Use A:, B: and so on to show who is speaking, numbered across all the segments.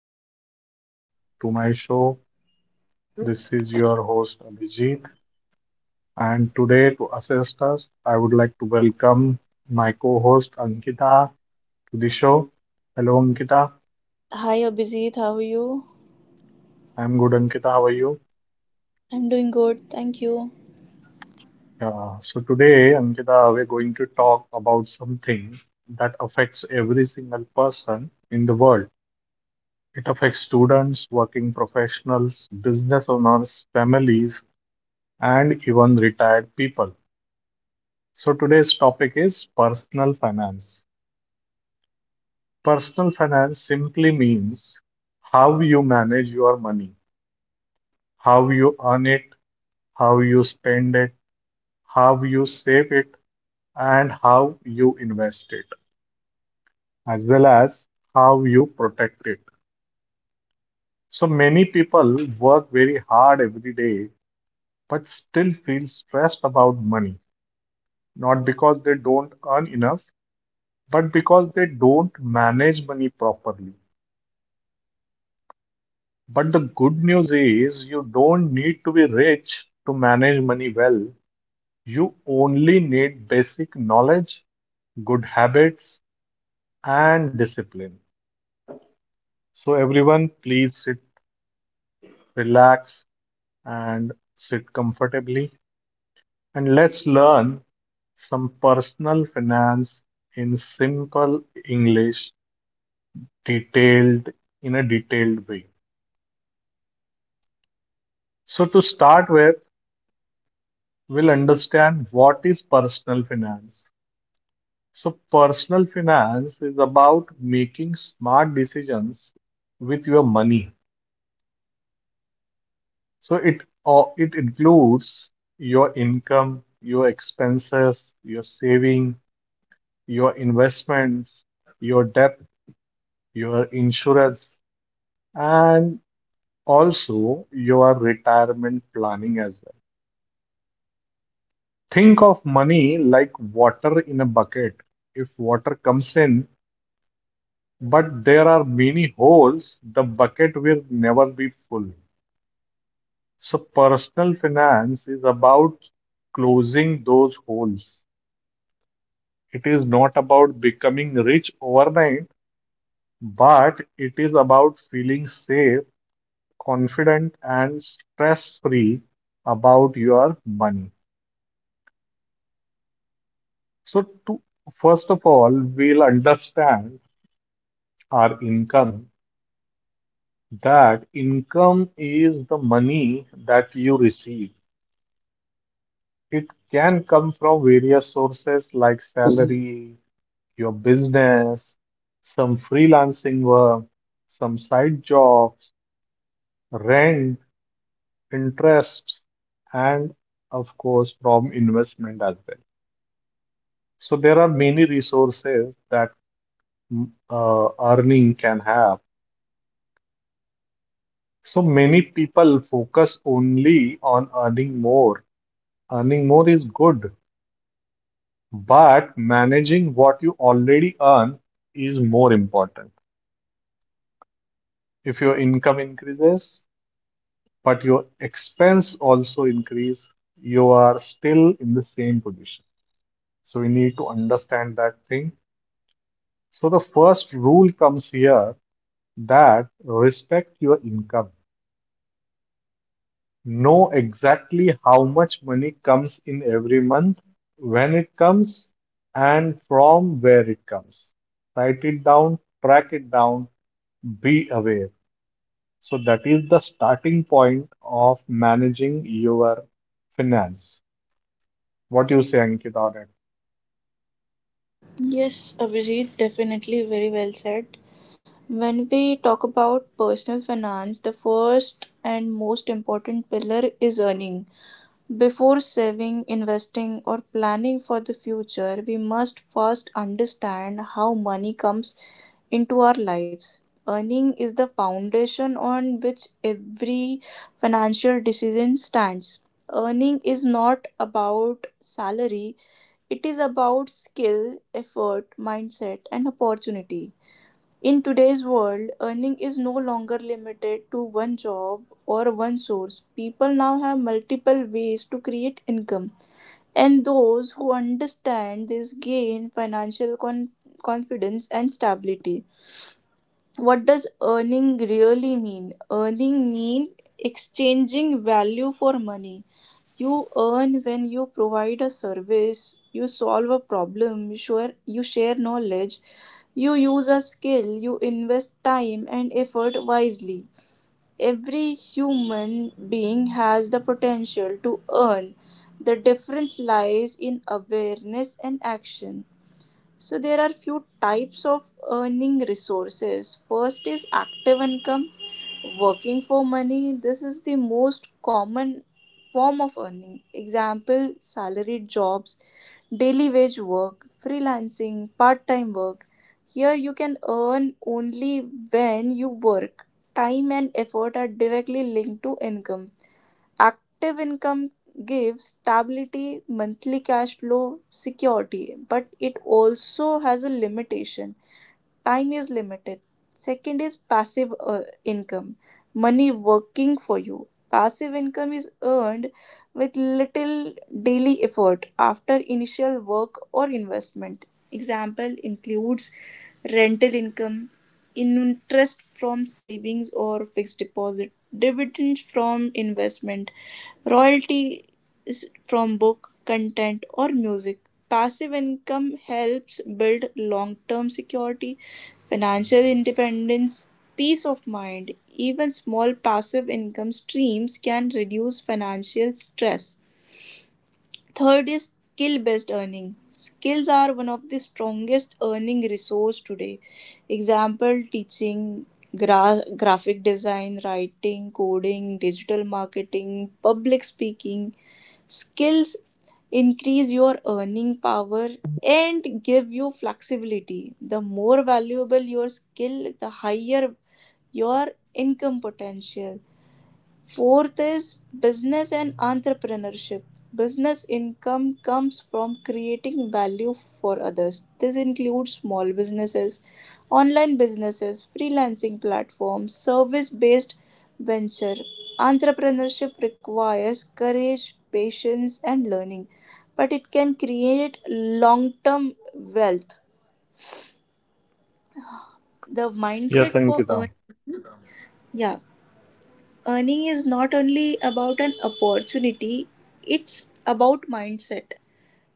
A: Welcome back to my show. This is your host Abhijit, and today to assist us, I would like to welcome my co-host Ankita to the show. Hello, Ankita.
B: Hi Abhijit, how are you?
A: I'm good, Ankita. How are you?
B: I'm doing good, thank you.
A: Yeah. So today, Ankita, we're going to talk about something that affects every single person in the world. It affects students, working professionals, business owners, families, and even retired people. So today's topic is personal finance. Personal finance simply means how you manage your money, how you earn it, how you spend it, how you save it, and how you invest it, as well as how you protect it. So many people work very hard every day but still feel stressed about money, not because they don't earn enough, but because they don't manage money properly. But the good news is you don't need to be rich to manage money well. You only need basic knowledge, good habits, and discipline. So, everyone, please sit, relax, and sit comfortably. And let's learn some personal finance in simple English, detailed in a detailed way. So, to start with, we'll understand what is personal finance. So, personal finance is about making smart decisions with your money. So, it includes your income, your expenses, your saving, your investments, your debt, your insurance, and also your retirement planning as well. Think of money like water in a bucket. If water comes in, but there are many holes, the bucket will never be full. So personal finance is about closing those holes. It is not about becoming rich overnight, but it is about feeling safe, confident, and stress-free about your money. So first of all, we'll understand our income. That income is the money that you receive. It can come from various sources like salary, your business, some freelancing work, some side jobs, rent, interests, and of course, from investment as well. So there are many resources that earning can have. So many people focus only on earning more. Earning more is good, but managing what you already earn is more important. If your income increases, but your expense also increase, you are still in the same position. So we need to understand that thing. So the first rule comes here that respect your income. Know exactly how much money comes in every month, when it comes, and from where it comes. Write it down, track it down, be aware. So that is the starting point of managing your finance. What you say, Ankita, on it?
B: Yes, Abhijit, definitely very well said. When we talk about personal finance, the first and most important pillar is earning. Before saving, investing, or planning for the future, we must first understand how money comes into our lives. Earning is the foundation on which every financial decision stands. Earning is not about salary, it is about skill, effort, mindset, and opportunity. In today's world, earning is no longer limited to one job or one source. People now have multiple ways to create income, and those who understand this gain financial confidence and stability. What does earning really mean? Earning means exchanging value for money. You earn when you provide a service, you solve a problem, you share knowledge, you use a skill, you invest time and effort wisely. Every human being has the potential to earn. The difference lies in awareness and action. So there are few types of earning resources. First is active income. Working for money, this is the most common form of earning. Example, salaried jobs, daily wage work, freelancing, part time work. Here you can earn only when you work. Time and effort are directly linked to income. Active income gives stability, monthly cash flow, security, but it also has a limitation: time is limited. Second is passive income, money working for you. Passive income is earned with little daily effort after initial work or investment. Example includes rental income, interest from savings or fixed deposit, dividends from investment, royalties from book content or music. Passive income helps build long term security, financial independence, peace of mind. Even small passive income streams can reduce financial stress. Third is skill based earning. Skills are one of the strongest earning resource today. Example, teaching, graphic design, writing, coding, digital marketing, public speaking. Skills increase your earning power and give you flexibility. The more valuable your skill, the higher your income potential. Fourth is business and entrepreneurship. Business income comes from creating value for others. This includes small businesses, online businesses, freelancing platforms, service based venture. Entrepreneurship requires courage, patience, and learning, but it can create long term wealth. The
A: Yes,
B: mindset for
A: Ankita.
B: earning, yeah, earning is not only about an opportunity, it's about mindset.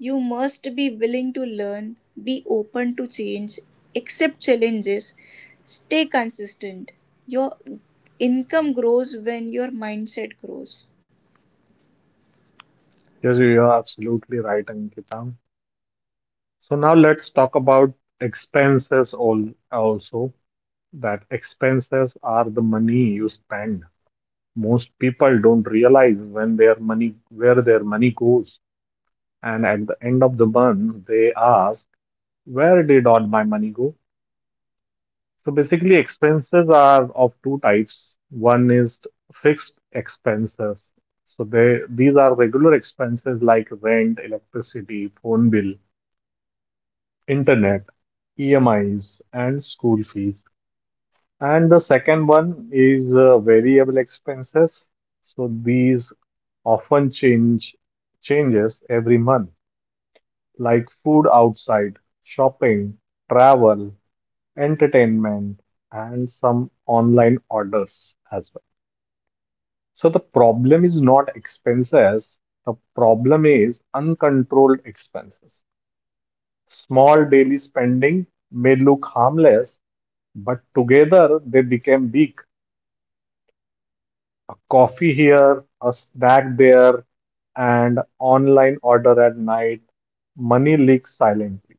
B: You must be willing to learn, be open to change, accept challenges, stay consistent. Your income grows when your mindset grows.
A: Yes, you are absolutely right, Ankita. So now let's talk about expenses all also. That expenses are the money you spend. Most people don't realize when their money where their money goes. And at the end of the month, they ask, where did all my money go? So basically, expenses are of two types. One is fixed expenses. So they these are regular expenses like rent, electricity, phone bill, internet, EMIs, and school fees. And the second one is variable expenses. So these often change changes every month, like food outside, shopping, travel, entertainment, and some online orders as well. So the problem is not expenses, the problem is uncontrolled expenses. Small daily spending may look harmless, but together they became big. A coffee here, a snack there, and online order at night, money leaks silently.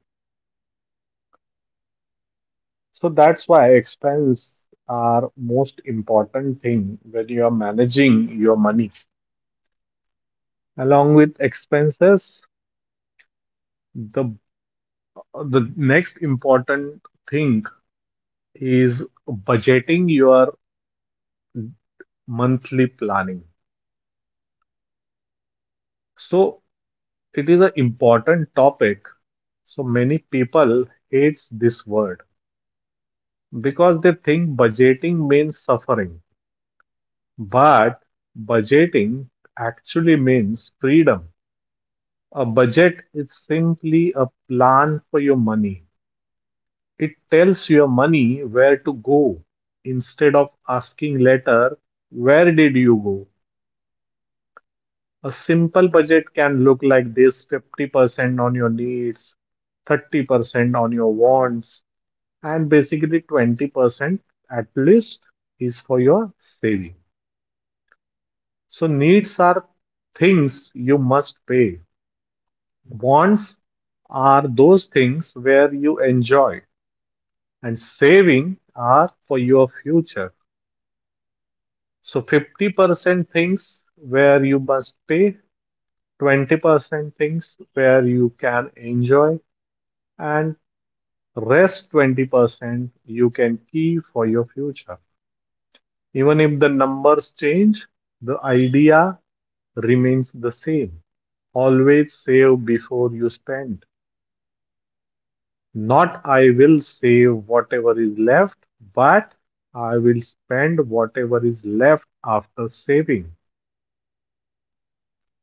A: So that's why expense are most important thing when you are managing your money. Along with expenses, the the next important thing is budgeting your monthly planning. So it is an important topic. So many people hates this word because they think budgeting means suffering, but budgeting actually means freedom. A budget is simply a plan for your money. It tells your money where to go instead of asking later, where did you go? A simple budget can look like this: 50% on your needs, 30% on your wants, and basically 20% at least is for your saving. So, needs are things you must pay, wants are those things where you enjoy, and saving are for your future. So 50% things where you must pay, 20% things where you can enjoy, and rest 20% you can keep for your future. Even if the numbers change, the idea remains the same. Always save before you spend. Not I will save whatever is left, but I will spend whatever is left after saving.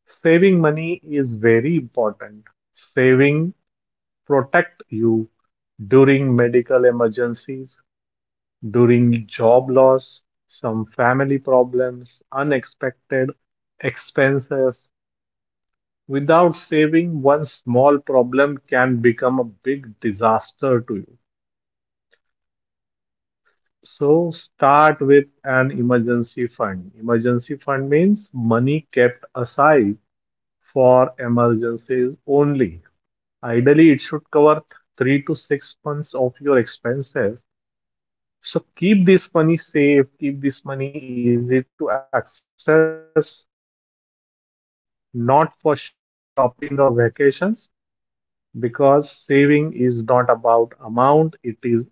A: Saving money is very important. Saving protect you during medical emergencies, during job loss, some family problems, unexpected expenses. Without saving, one small problem can become a big disaster to you. So start with an emergency fund. Emergency fund means money kept aside for emergencies only. Ideally, it should cover 3 to 6 months of your expenses. So keep this money safe, keep this money easy to access, not for shopping or vacations, because saving is not about amount, it is about your habit,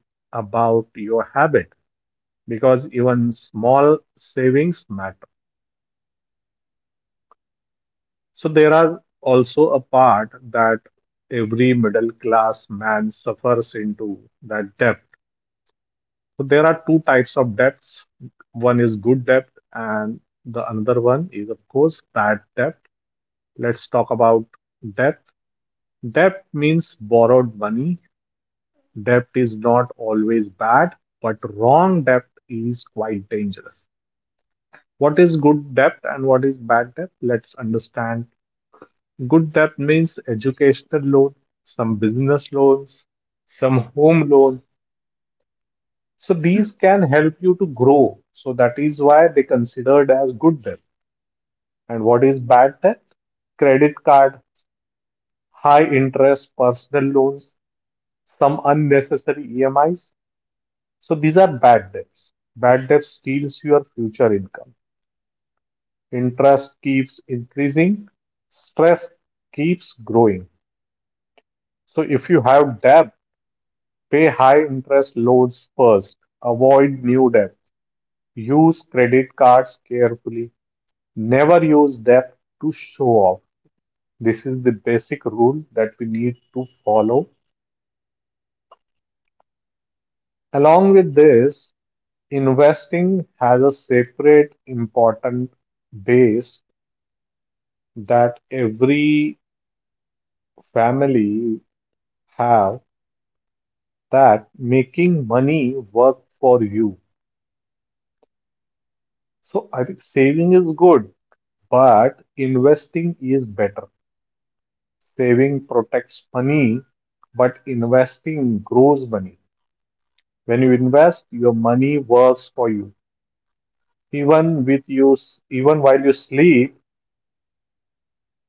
A: because even small savings matter. So there are also a part that every middle class man suffers into, that debt. So there are two types of debts. One is good debt, and the another one is, of course, bad debt. Let's talk about debt. Debt means borrowed money. Debt is not always bad, but wrong debt is quite dangerous. What is good debt and what is bad debt? Let's understand. Good debt means educational loan, some business loans, some home loan. So these can help you to grow. So that is why they considered as good debt. And what is bad debt? Credit card, high interest personal loans, some unnecessary EMIs. So these are bad debts. Bad debt steals your future income. Interest keeps increasing, stress keeps growing. So if you have debt, pay high interest loans first. Avoid new debt. Use credit cards carefully. Never use depth to show off. This is the basic rule that we need to follow. Along with this, investing has a separate important base that every family have, that making money work for you. So I think saving is good, but investing is better. Saving protects money, but investing grows money. When you invest, your money works for you. Even with you, even while you sleep,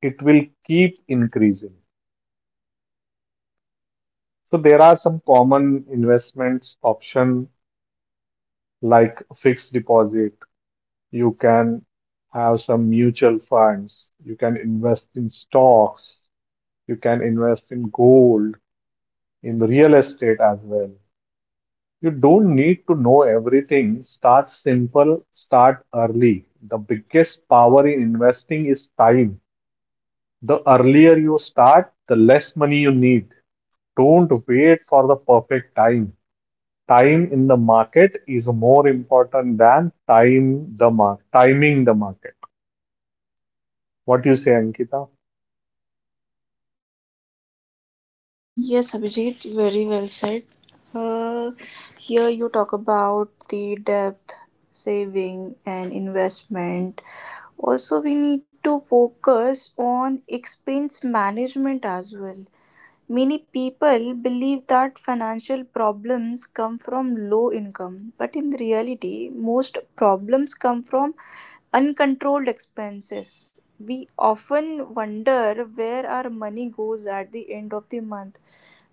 A: it will keep increasing. So there are some common investments option like fixed deposit. You can have some mutual funds. You can invest in stocks. You can invest in gold, in real estate as well. You don't need to know everything. Start simple, start early. The biggest power in investing is time. The earlier you start, the less money you need. Don't wait for the perfect time. Time in the market is more important than time the mar timing the market. What do you say, Ankita?
B: Yes, Abhijit, very well said. Uh, Here you talk about the debt, saving, and investment. Also, we need to focus on expense management as well. Many people believe that financial problems come from low income, but in reality, most problems come from uncontrolled expenses. We often wonder where our money goes at the end of the month.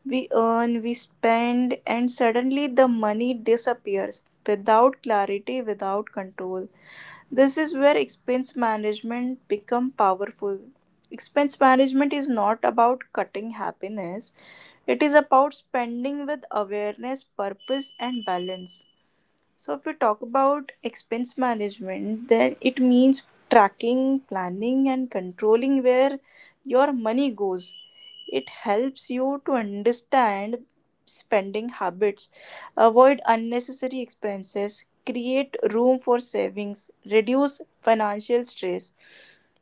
B: We earn, we spend, and suddenly the money disappears without clarity, without control. This is where expense management become powerful. Expense management is not about cutting happiness, it is about spending with awareness, purpose, and balance. So, if we talk about expense management, then it means tracking, planning, and controlling where your money goes. It helps you to understand spending habits, avoid unnecessary expenses, create room for savings, reduce financial stress.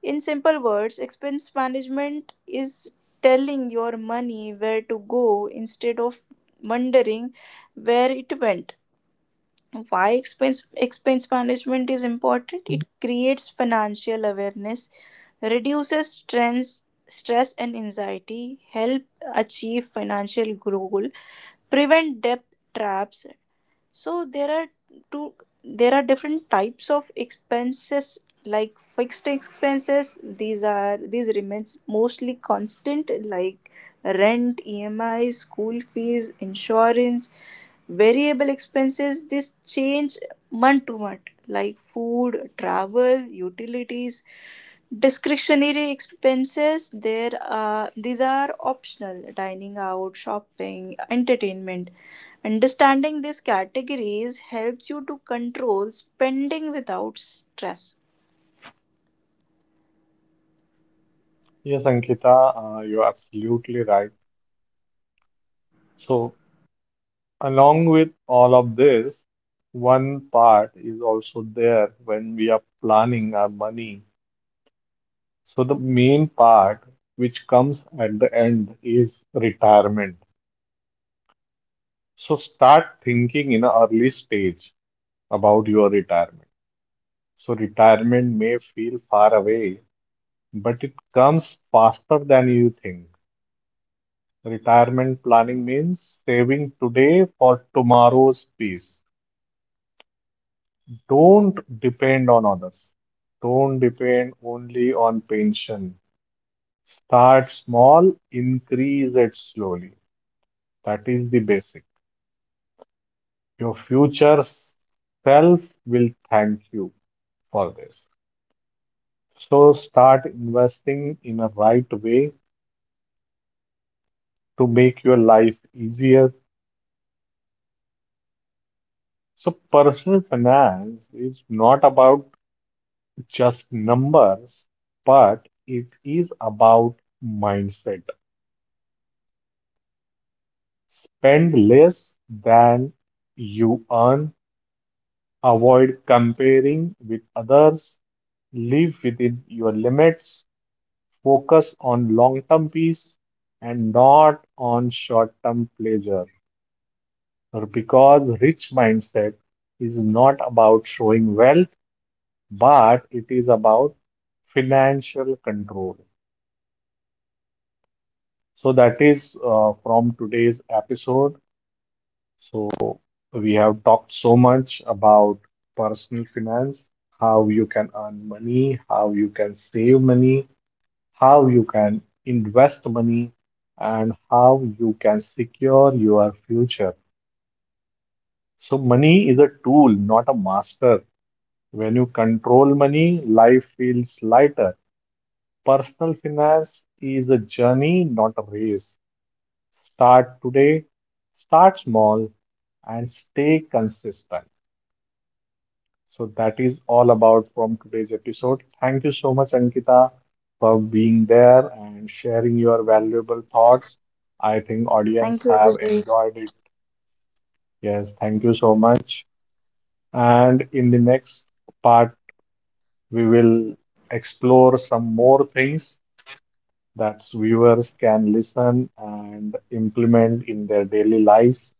B: In simple words, expense management is telling your money where to go instead of wondering where it went. Why expense management is important? It creates financial awareness, reduces stress and anxiety, help achieve financial goal, prevent debt traps. So two there are different types of expenses, like fixed expenses. These are these remains mostly constant, like rent, EMI, school fees, insurance. Variable expenses, this change month to month, like food, travel, utilities. Discretionary expenses, there, are these are optional: dining out, shopping, entertainment. Understanding these categories helps you to control spending without stress.
A: Yes, Ankita, you're absolutely right. So, along with all of this, one part is also there when we are planning our money. So, the main part which comes at the end is retirement. So start thinking in an early stage about your retirement. So retirement may feel far away, but it comes faster than you think. Retirement planning means saving today for tomorrow's peace. Don't depend on others. Don't depend only on pension. Start small, increase it slowly. That is the basic. Your future self will thank you for this. So start investing in a right way to make your life easier. So personal finance is not about just numbers, but it is about mindset. Spend less than you earn, avoid comparing with others, live within your limits, focus on long-term peace and not on short-term pleasure. Or because rich mindset is not about showing wealth, but it is about financial control. So that is from today's episode. So we have talked so much about personal finance, how you can earn money, how you can save money, how you can invest money, and how you can secure your future. So money is a tool, not a master. When you control money, life feels lighter. Personal finance is a journey, not a race. Start today, start small, and stay consistent. So, that is all about from today's episode. Thank you so much, Ankita, for being there and sharing your valuable thoughts. I think
B: Thank
A: audience
B: you,
A: have
B: Abhijit.
A: enjoyed it. Yes, thank you so much. And in the next part, we will explore some more things that viewers can listen and implement in their daily lives.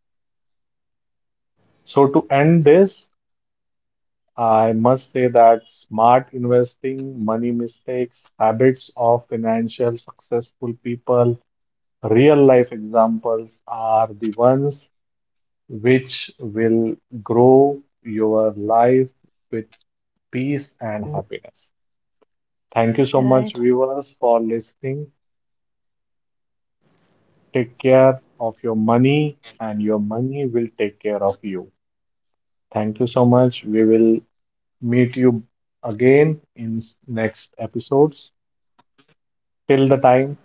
A: So, to end this, I must say that smart investing, money mistakes, habits of financial successful people, real life examples are the ones which will grow your life with peace and happiness. Thank you so
B: Right.
A: much, viewers, for listening. Take care of your money, and your money will take care of you. Thank you so much. We will meet you again in next episodes. Till the time,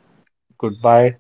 A: goodbye.